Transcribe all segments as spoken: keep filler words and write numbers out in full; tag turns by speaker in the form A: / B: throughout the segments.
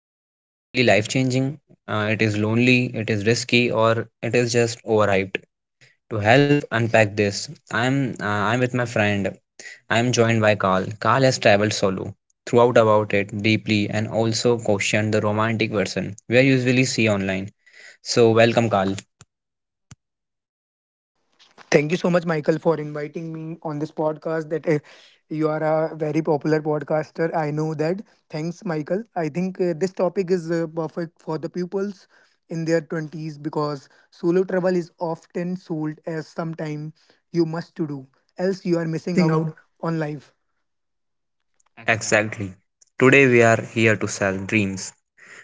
A: It is really life changing, uh, it is lonely, it is risky, or it is just overhyped. To help unpack this, I'm, uh, I'm with my friend. I'm joined by Carl. Carl has traveled solo throughout about it deeply and also questioned the romantic version we are usually see online. So, welcome, Carl.
B: Thank you so much, Michael, for inviting me on this podcast. That uh, You are a very popular podcaster. I know that. Thanks, Michael. I think uh, this topic is uh, perfect for the pupils in their twenties because solo travel is often sold as sometime you must to do, else you are
A: You are
B: missing
A: missing
B: out
A: out.
B: on life. Exactly.
A: Exactly. Today we are here to sell dreams.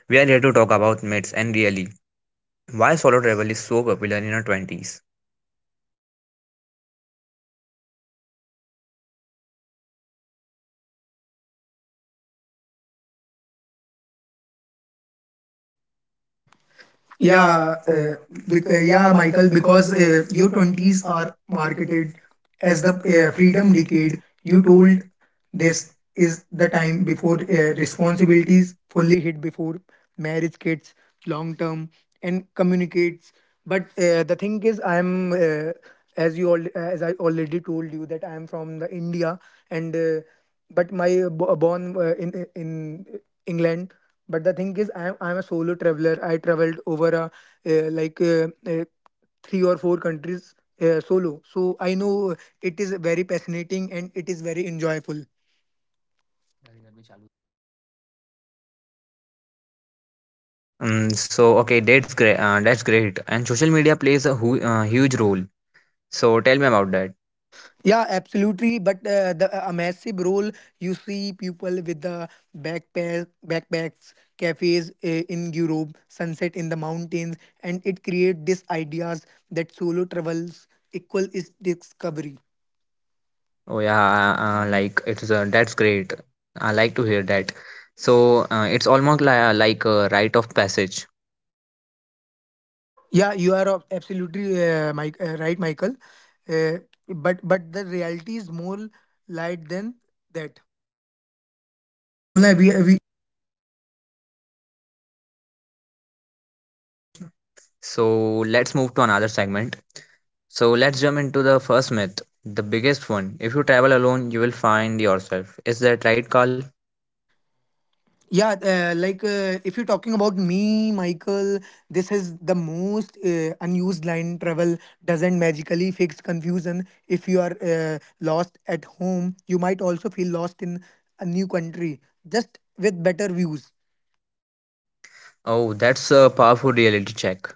A: We are here to talk about myths and really why solo travel is so popular in our twenties.
B: Yeah,
A: Yeah,
B: uh,
A: uh,
B: Bec-
A: bec-
B: uh,
A: uh,
B: yeah,
A: yeah,
B: Michael,
A: Michael,
B: because
A: because
B: uh,
A: uh,
B: your
A: your
B: twenties
A: twenties
B: are
A: are
B: marketed
A: marketed
B: as
A: as
B: the
A: the
B: uh,
A: uh,
B: freedom
A: freedom
B: decade.
A: decade.
B: You
A: You
B: told
A: told
B: this
A: this
B: is
A: is
B: the
A: the
B: time
A: time
B: before
A: before
B: uh,
A: uh,
B: responsibilities
A: responsibilities fully.
B: fully hit, before marriage kids, long term, and communicates. But uh, the thing is, I'm uh, as you all as I already told you that I'm from the India, and uh, but my uh, bo- born uh, in in England. But the thing is, I'm I'm a solo traveler. I traveled over a uh, like uh, uh, three or four countries uh, solo. So I know it is very fascinating and it is very enjoyable.
A: Um, so okay, that's great. Uh, that's great. And social media plays a hu- uh, huge role. So tell me about that.
B: Yeah, absolutely. But uh, the a massive role, you see people with the backpack backpacks, cafes uh, in Europe, sunset in the mountains, and it creates this ideas that solo travels equal is discovery.
A: Oh yeah, uh, uh, like it's uh, that's great. I like to hear that. So uh, it's almost li- uh, like a rite of passage.
B: Yeah, you are ab- absolutely uh, Mike, uh, right, Michael. Uh, but but the reality is more light than that.
A: अब बोलना है we we So let's move to another segment. So let's jump into the first myth, the biggest one. If you travel alone, you will find yourself. Is that right, Carl?
B: Yeah, uh, like uh, if you're talking about me, Michael, this is the most uh, unused line. Travel doesn't magically fix confusion. If you are uh, lost at home, you might also feel lost in a new country, just with better views.
A: Oh, that's a powerful reality check.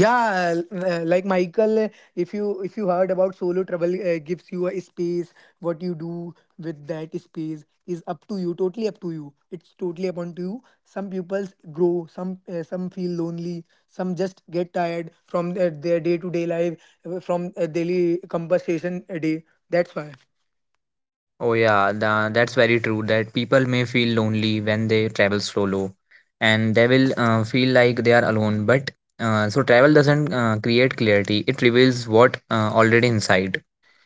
B: yeah l- uh, like michael uh, if you if you heard about solo travel, uh, gives you a space. What you do with that space is up to you, totally up to you, it's totally upon to you. Some pupils grow, some uh, some feel lonely, some just get tired from their, their day-to-day life uh, from uh, daily conversation a day, that's why.
A: Oh yeah, tha- that's very true that people may feel lonely when they travel solo and they will uh, feel like they are alone. But uh, so travel doesn't uh, create clarity, it reveals what uh, already inside.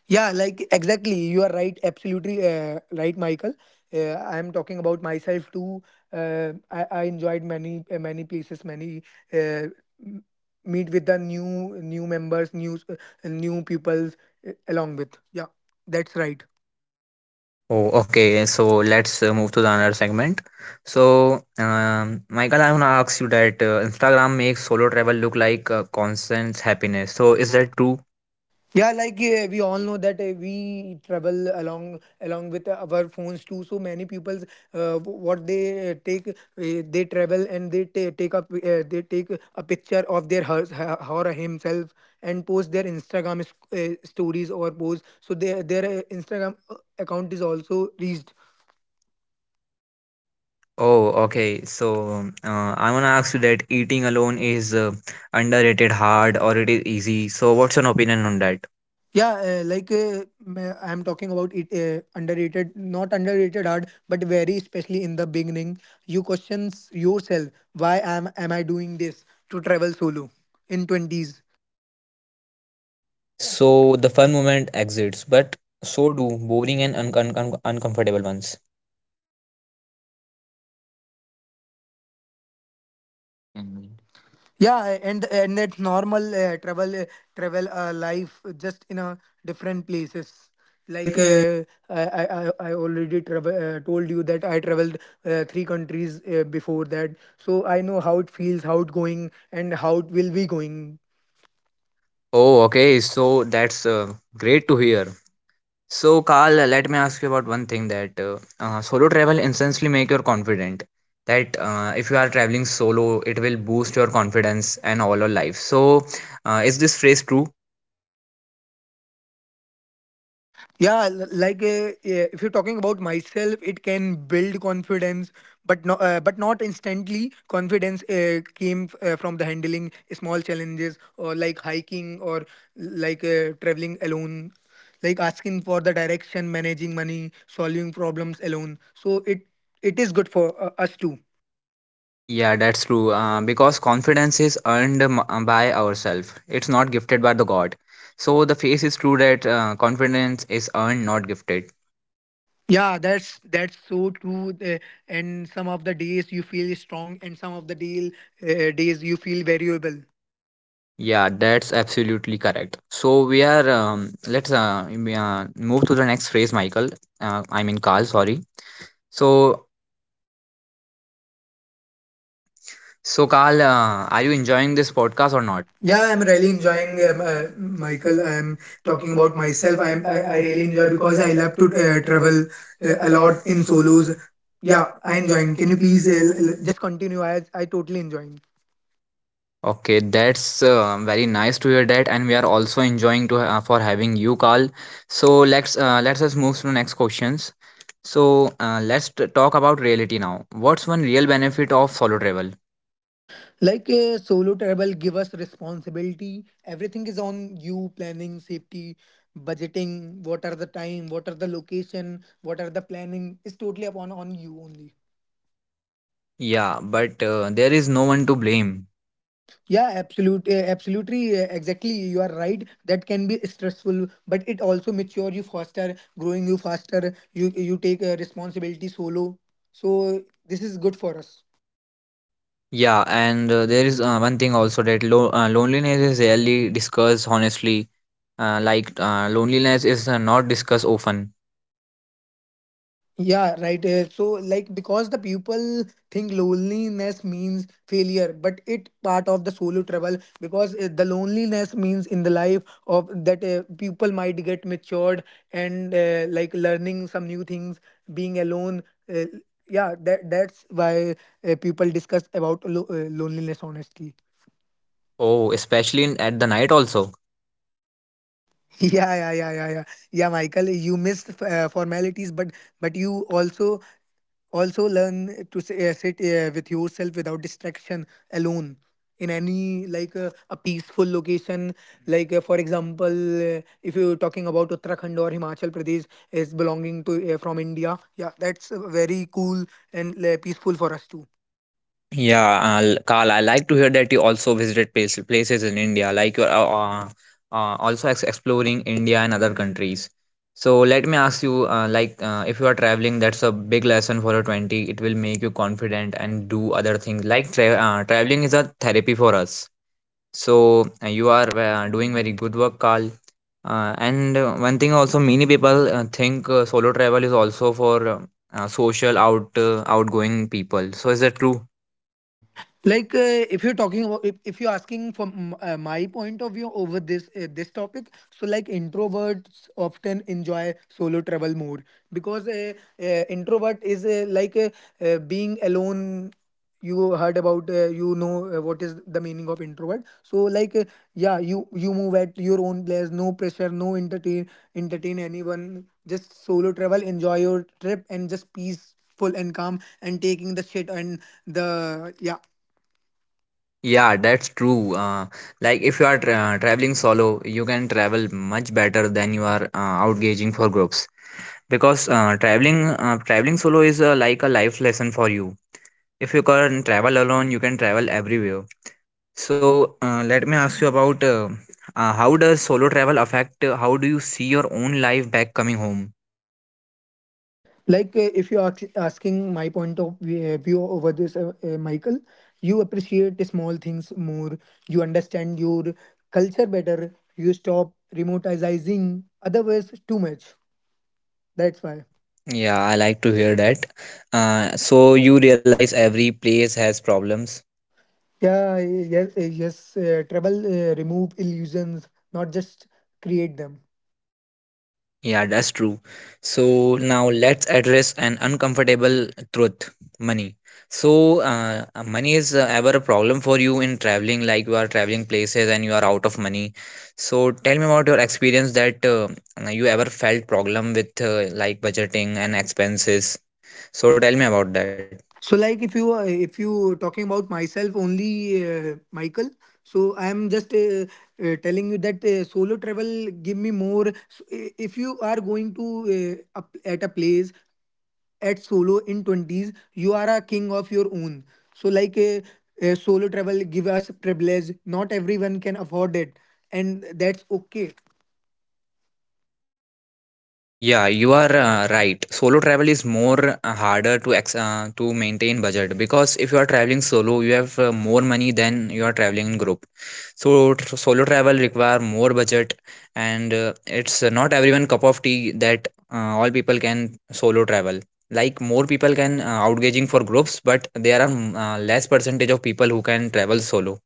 B: Yeah, like exactly. You are right. Absolutely uh, right, Michael. Uh, I am talking about myself too. Uh, I, I enjoyed many uh, many places, many uh, m- meet with the new new members, new uh, new peoples uh, along with. Yeah, that's right.
A: Oh, okay. So let's uh, move to the another segment. So, um, Michael, I want to ask you that uh, Instagram makes solo travel look like uh, constant happiness.
B: So
A: So
B: is
A: is
B: that,
A: that true?
B: yeah, like yeah, we all know that uh, we travel along along with our phones too. So many people, uh, what they uh, take, uh, they travel and they ta- take up, uh, they take a picture of their her, her or himself and post their Instagram s- uh, stories or post. So their their uh, Instagram uh, account is also reached.
A: Oh, okay. So, um, uh, I want to ask you that eating alone is uh, underrated, hard, or it is easy. So, what's your opinion on that?
B: Yeah, uh, like uh, m- I'm talking about it, uh, underrated, not underrated art, but very especially in the beginning, you questions yourself, why am am I doing this to travel solo in twenties?
A: So the fun moment exits, but so do boring and un- un- un- uncomfortable ones.
B: Yeah, and and that normal uh, travel uh, travel uh, life just in a different places. Like
A: Like uh,
B: uh, I, I I I already travel, uh, told you that I traveled uh, three countries uh, before that, so I know how it feels, how it going, and how it will be going.
A: Oh, okay. So that's uh, great to hear. So, Carl, let me ask you about one thing that uh, uh, solo travel instantly make you confident. That uh, if you are traveling solo, it will boost your confidence and all your life. So, uh, is this phrase true?
B: Yeah, l- like uh, yeah, if you're talking about myself, it can build confidence, but no, uh, but not instantly. Confidence uh, came uh, from the handling small challenges, or like hiking, or like uh, traveling alone, like asking for the direction, managing money, solving problems alone. So it it is good for uh, us too.
A: Yeah, that's true. Uh, because confidence is earned m- uh, by ourselves. It's not gifted by the God. So the face is true that uh, confidence is earned, not gifted.
B: Yeah, that's that's so true. The- and some of the days you feel strong, and some of the deal uh, days you feel variable.
A: Yeah, that's absolutely correct. So we are um, let's uh, we, uh, move to the next phrase, Michael. Uh, I mean Carl. Sorry. So So, Carl, uh, are you enjoying this podcast
B: Or
A: or
B: not?
A: not? Yeah,
B: Yeah,
A: I'm
B: I'm really
A: really enjoying
B: enjoying um,
A: um,
B: uh,
A: uh, Michael.
B: Michael. I'm
A: I'm
B: talking
A: talking
B: about
A: about myself.
B: myself. I'm
A: I'm I,
B: I, I
A: I
B: really
A: really
B: enjoy
A: enjoy
B: because
A: because
B: I
A: I love
B: love to
A: to
B: uh,
A: uh,
B: travel
A: travel
B: uh,
A: uh,
B: a
A: a
B: lot
A: lot
B: in
A: in
B: solos.
A: solos.
B: Yeah,
A: Yeah,
B: I
A: I
B: enjoying.
A: enjoying.
B: Can
A: Can
B: you
A: you
B: please
A: please?
B: uh,
A: Uh,
B: l-
A: l-
B: l-
A: l-
B: just continue? I I totally enjoying.
A: Okay, that's uh, very nice to hear that, and we are also enjoying to ha- for having you, Carl. So let's uh, let's us move to the next questions. So uh, let's t- talk about reality now. What's one real benefit of solo travel?
B: Like uh, solo travel give us responsibility. Everything is on you. Planning, safety, budgeting. What are the time? What are the location? What are the planning? It's totally upon on you only.
A: Yeah, but uh, there is no one to blame.
B: Yeah, absolute, uh, absolutely, uh, exactly. You are right. That can be stressful, but it also mature you faster, growing you faster. You you take uh, responsibility solo. So this is good for us.
A: Yeah, and uh, there is uh, one thing also that lo- uh, loneliness is rarely discussed honestly. Uh, like uh, loneliness is uh, not discussed often.
B: Yeah, right. uh, So, like, because the people think loneliness means failure, but it part of the solo travel because uh, the loneliness means in the life of that uh, people might get matured and uh, like learning some new things, being alone. Uh, yeah, that that's why uh, people discuss about lo- uh, loneliness honestly.
A: Oh, especially in, at the night also.
B: Yeah, yeah, yeah, yeah, yeah. Yeah, Michael, you missed uh, formalities, but but you also also learn to say, uh, sit uh, with yourself without distraction alone in any like uh, a peaceful location, like uh, for example, uh, if you're talking about uttarakhand or himachal pradesh, is belonging to uh, from india. Yeah, that's uh, very cool and uh, peaceful for us too.
A: Yeah, uh, l- Carl, I like to hear that you also visited place, places in India, like you're uh, uh, uh, also ex- exploring India and other countries. So let me ask you, uh, like uh, if you are traveling, that's a big lesson for your twenty. It will make you confident and do other things. Like tra- uh, traveling is a therapy for us. So uh, you are uh, doing very good work, Carl. Uh, and uh, one thing also, many people uh, think uh, solo travel is also for uh, uh, social out uh, outgoing people. So is that true?
B: like uh, if you're talking about, if, if you're asking from m- uh, my point of view over this uh, this topic, so like introverts often enjoy solo travel more because uh, uh, introvert is uh, like uh, uh, being alone. You heard about, uh, you know, uh, what is the meaning of introvert? So like uh, yeah, you you move at your own place, no pressure, no entertain entertain anyone, just solo travel, enjoy your trip and just peaceful and calm, and taking the shit and the yeah.
A: Yeah, that's true. Uh, like If you are tra- traveling solo, you can travel much better than you are uh, outgauging for groups because uh, traveling uh, traveling solo is uh, like a life lesson for you. If you can travel alone, you can travel everywhere. So uh, let me ask you about uh, uh, how does solo travel affect uh, how do you see your own life back coming home?
B: Like uh, if you're asking my point of vi- view over this, uh, uh, michael, you appreciate the small things more. You understand your culture better. You stop remoteizing otherwise too much,
A: That's
B: that's
A: why.
B: why.
A: Yeah, I like to hear that. Uh, so you realize every place has problems.
B: Yeah, yes uh, yes, uh, travel uh, remove illusions, not just create them.
A: Yeah, that's true. So now let's address an uncomfortable truth money. So, uh, uh, money is uh, ever a problem for you in traveling, like you are traveling places and you are out of money. So, tell me about your experience that uh, you ever felt problem with uh, like budgeting and expenses. So, tell me about that.
B: So, like, if you uh, if you talking about myself only, uh, Michael. So I am just uh, uh, telling you that uh, solo travel give me more. So, i- if you are going to uh, up at a place at solo in twenties, you are a king of your own. So like, uh, uh, solo travel give us privilege. Not everyone can afford it, and that's okay.
A: Yeah, you are uh, right. Solo travel is more uh, harder to ex- uh, to maintain budget because if you are traveling solo, you have uh, more money than you are traveling in group. So tr- solo travel require more budget, and uh, it's uh, not everyone cup of tea that uh, all people can solo travel. Like more people can uh, outgauging for groups, but there are mm, uh, less percentage of people who can travel solo.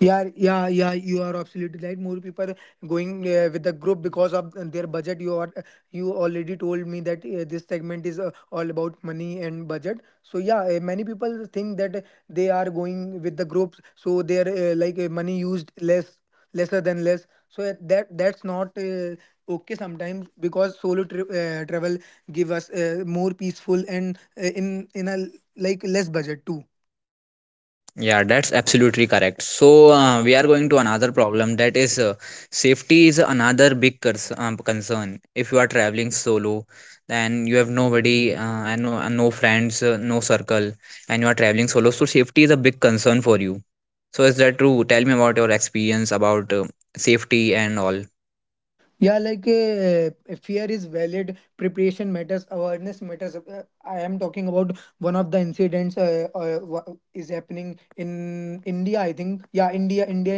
B: Yeah, yeah, yeah. You are absolutely right. More people going uh, with the group because of their budget. You are, you already told me that uh, this segment is uh, all about money and budget. So yeah, uh, many people think that they are going with the groups, so they are uh, like uh, money used less, lesser than less. So uh, that that's not uh, okay sometimes, because solo tri- uh, travel give us uh, more peaceful and uh, in in a like less budget too.
A: Yeah, that's absolutely correct. So uh, we are going to another problem that is uh, safety is another big cons- um, concern. If you are traveling solo, then you have nobody uh, and no, and no friends, uh, no circle, and you are traveling solo. So safety is a big concern for you. So is that true? Tell me about your experience about uh, safety and all.
B: yeah like uh, Fear is valid, preparation matters, awareness matters. Uh, I am talking about one of the incidents, uh, uh, wha- is happening in india, I think. Yeah, india india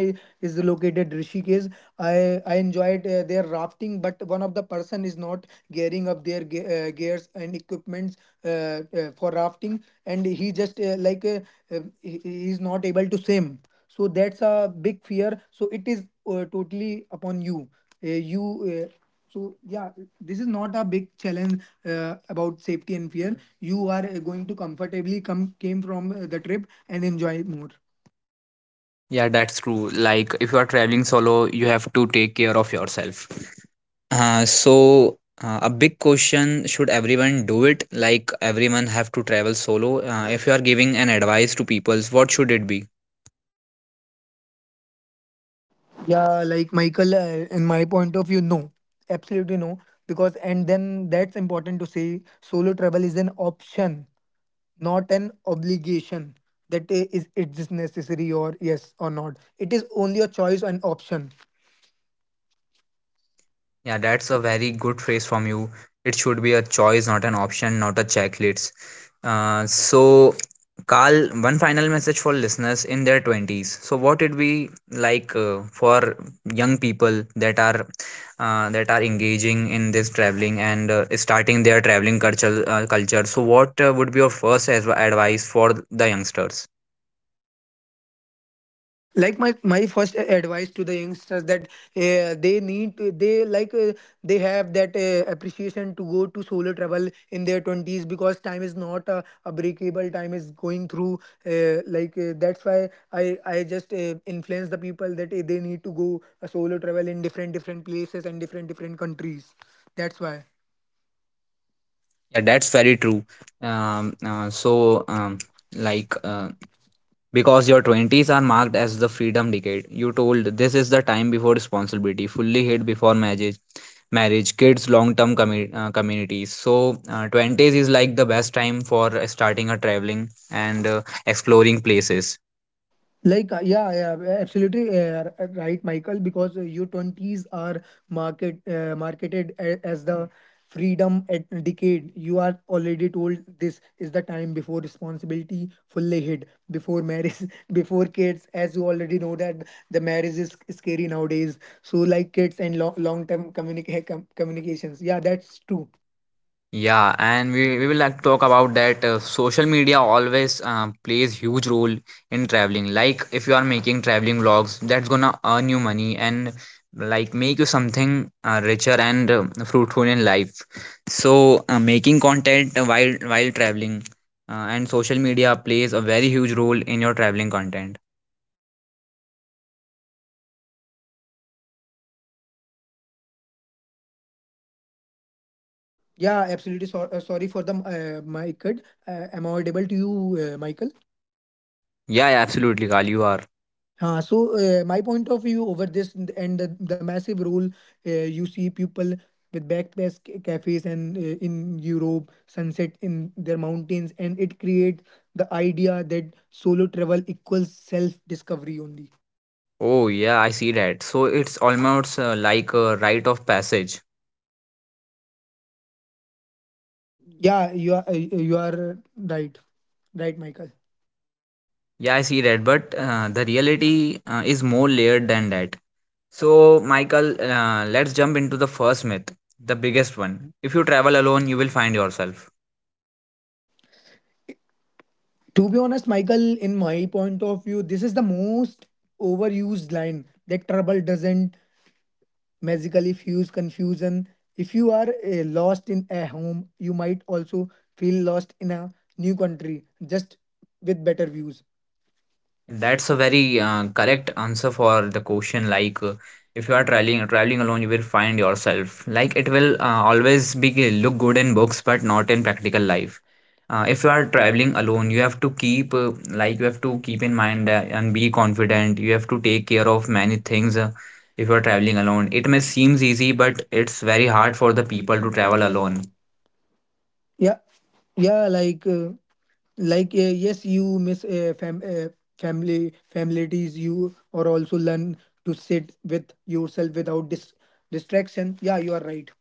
B: is located rishikesh. I i enjoyed uh, their rafting, but one of the person is not gearing up their ge- uh, gears and equipments uh, uh, for rafting, and he just uh, like uh, uh, he he is not able to swim, so that's a big fear. So it is uh, totally upon you uh, you uh, so yeah, this is not a big challenge uh, about safety and fear. You are uh, going to comfortably come came from uh, the trip and enjoy more.
A: Yeah, that's true. Like if you are traveling solo, you have to take care of yourself. Uh, so uh, a big question should everyone do it like everyone have to travel solo uh, if you are giving an advice to people what should it be?
B: Yeah, like Michael, uh, in my point of view, no, absolutely no. Because and then that's important to say. Solo travel is an option, not an obligation. That uh, is it is necessary or yes or not. It is only a choice and option.
A: Yeah, that's a very good phrase from you. It should be a choice, not an option, not a checklist. Uh, so, Carl, one final message for listeners in their twenties. So, what it be like uh, for young people that are uh, that are engaging in this traveling and uh, starting their traveling culture? Uh, culture. So, what uh, would be your first as- advice for the youngsters?
B: like my my first advice to the youngsters that uh, they need to, they like uh, they have that uh, appreciation to go to solo travel in their twenties, because time is not a, a breakable, time is going through uh, like uh, that's why i i just uh, influence the people that uh, they need to go a solo travel in different different places and different different countries, that's why. Yeah,
A: Yeah,
B: that's
A: that's very
B: very true.
A: true. Um,
B: Um,
A: uh,
B: uh,
A: so,
B: so,
A: um,
B: um,
A: like.
B: like,
A: Uh,
B: uh,
A: Because your twenties are marked as the freedom decade. You told this is the time before responsibility, fully hit before marriage, marriage, kids, long term commu- uh, communities. So, uh, twenties is like the best time for starting a traveling and uh, exploring places.
B: Like, uh, yeah, yeah, absolutely uh, r- right, Michael, because uh, your twenties are market uh, marketed a- as the freedom at decade. You are already told this is the time before responsibility fully hit, before marriage, before kids, as you already know that the marriage is scary nowadays. So, like kids and lo- long-term communica- com- communications. Yeah, that's true.
A: Yeah, and we, we will like talk about that uh, social media always uh, plays huge role in traveling. Like if you are making traveling vlogs, that's gonna earn you money and like make you something uh, richer and uh, fruitful in life. So uh, making content while while traveling uh, and social media plays a very huge role in your traveling content.
B: Yeah, absolutely. So- uh, sorry for the uh, my cut. Uh, am I audible to you, uh, Michael?
A: Yeah, yeah, absolutely, Kal, you are.
B: Uh, so uh, my point of view over this, and and the, the massive role, uh, you see people with backpacks, ca- cafes and uh, in Europe, sunset in their mountains, and it creates the idea that solo travel equals self discovery only.
A: Oh yeah, I see that. So it's almost uh, like a rite of passage.
B: Yeah, you are uh, you are right, right, Michael.
A: Yeah, I see that, but uh, the reality uh, is more layered than that. So, Michael, uh, let's jump into the first myth, the biggest one. If you travel alone, you will find yourself.
B: To be honest, Michael, in my point of view, this is the most overused line that trouble doesn't magically fuse confusion. If you are uh, lost in a home, you might also feel lost in a new country, just with better views.
A: And
B: And
A: that's
B: that's
A: a
B: a
A: very
B: very
A: uh,
B: uh,
A: correct
B: correct
A: answer
B: answer for
A: for the
B: the
A: question.
B: question.
A: Like,
B: Like,
A: uh,
B: uh,
A: if
B: if
A: you
B: you
A: are
B: are
A: traveling
B: traveling
A: traveling
B: traveling
A: alone,
B: alone,
A: you
B: you
A: will
B: will
A: find
B: find yourself.
A: yourself. Like,
B: Like,
A: it
B: it
A: will
B: will
A: uh,
B: uh,
A: always
B: always
A: be
B: be
A: g-
B: uh,
A: look
B: look
A: good
B: good
A: in
B: in
A: books,
B: books,
A: but
B: but
A: not
B: not
A: in
B: in
A: practical
B: practical
A: life.
B: life.
A: Uh,
B: Uh,
A: if
B: if
A: you
B: you
A: are
B: are
A: traveling
B: traveling
A: alone,
B: alone,
A: you
B: you
A: have
B: have
A: to
B: to
A: keep
B: keep
A: uh,
B: uh,
A: like
B: like
A: you
B: you
A: have
B: have
A: to
B: to
A: keep
B: keep
A: in
B: in
A: mind
B: mind
A: uh,
B: uh,
A: and
B: and
A: be
B: be
A: confident.
B: confident.
A: You
B: You
A: have
B: have
A: to
B: to
A: take
B: take
A: care
B: care
A: of
B: of
A: many
B: many
A: things.
B: things.
A: Uh,
B: Uh,
A: if
B: if
A: you
B: you
A: are
B: are
A: traveling
B: traveling
A: alone,
B: alone,
A: it
B: it
A: may
B: may
A: seems
B: seems
A: easy,
B: easy,
A: but
B: but
A: it's
B: it's
A: very
B: very
A: hard
B: hard
A: for
B: for
A: the
B: the
A: people
B: people
A: to
B: to
A: travel
B: travel
A: alone.
B: alone. yeah yeah like uh, like uh, yes, you miss uh, fam- uh, family families, you or also learn to sit with yourself without dis- distraction. Yeah, you are right.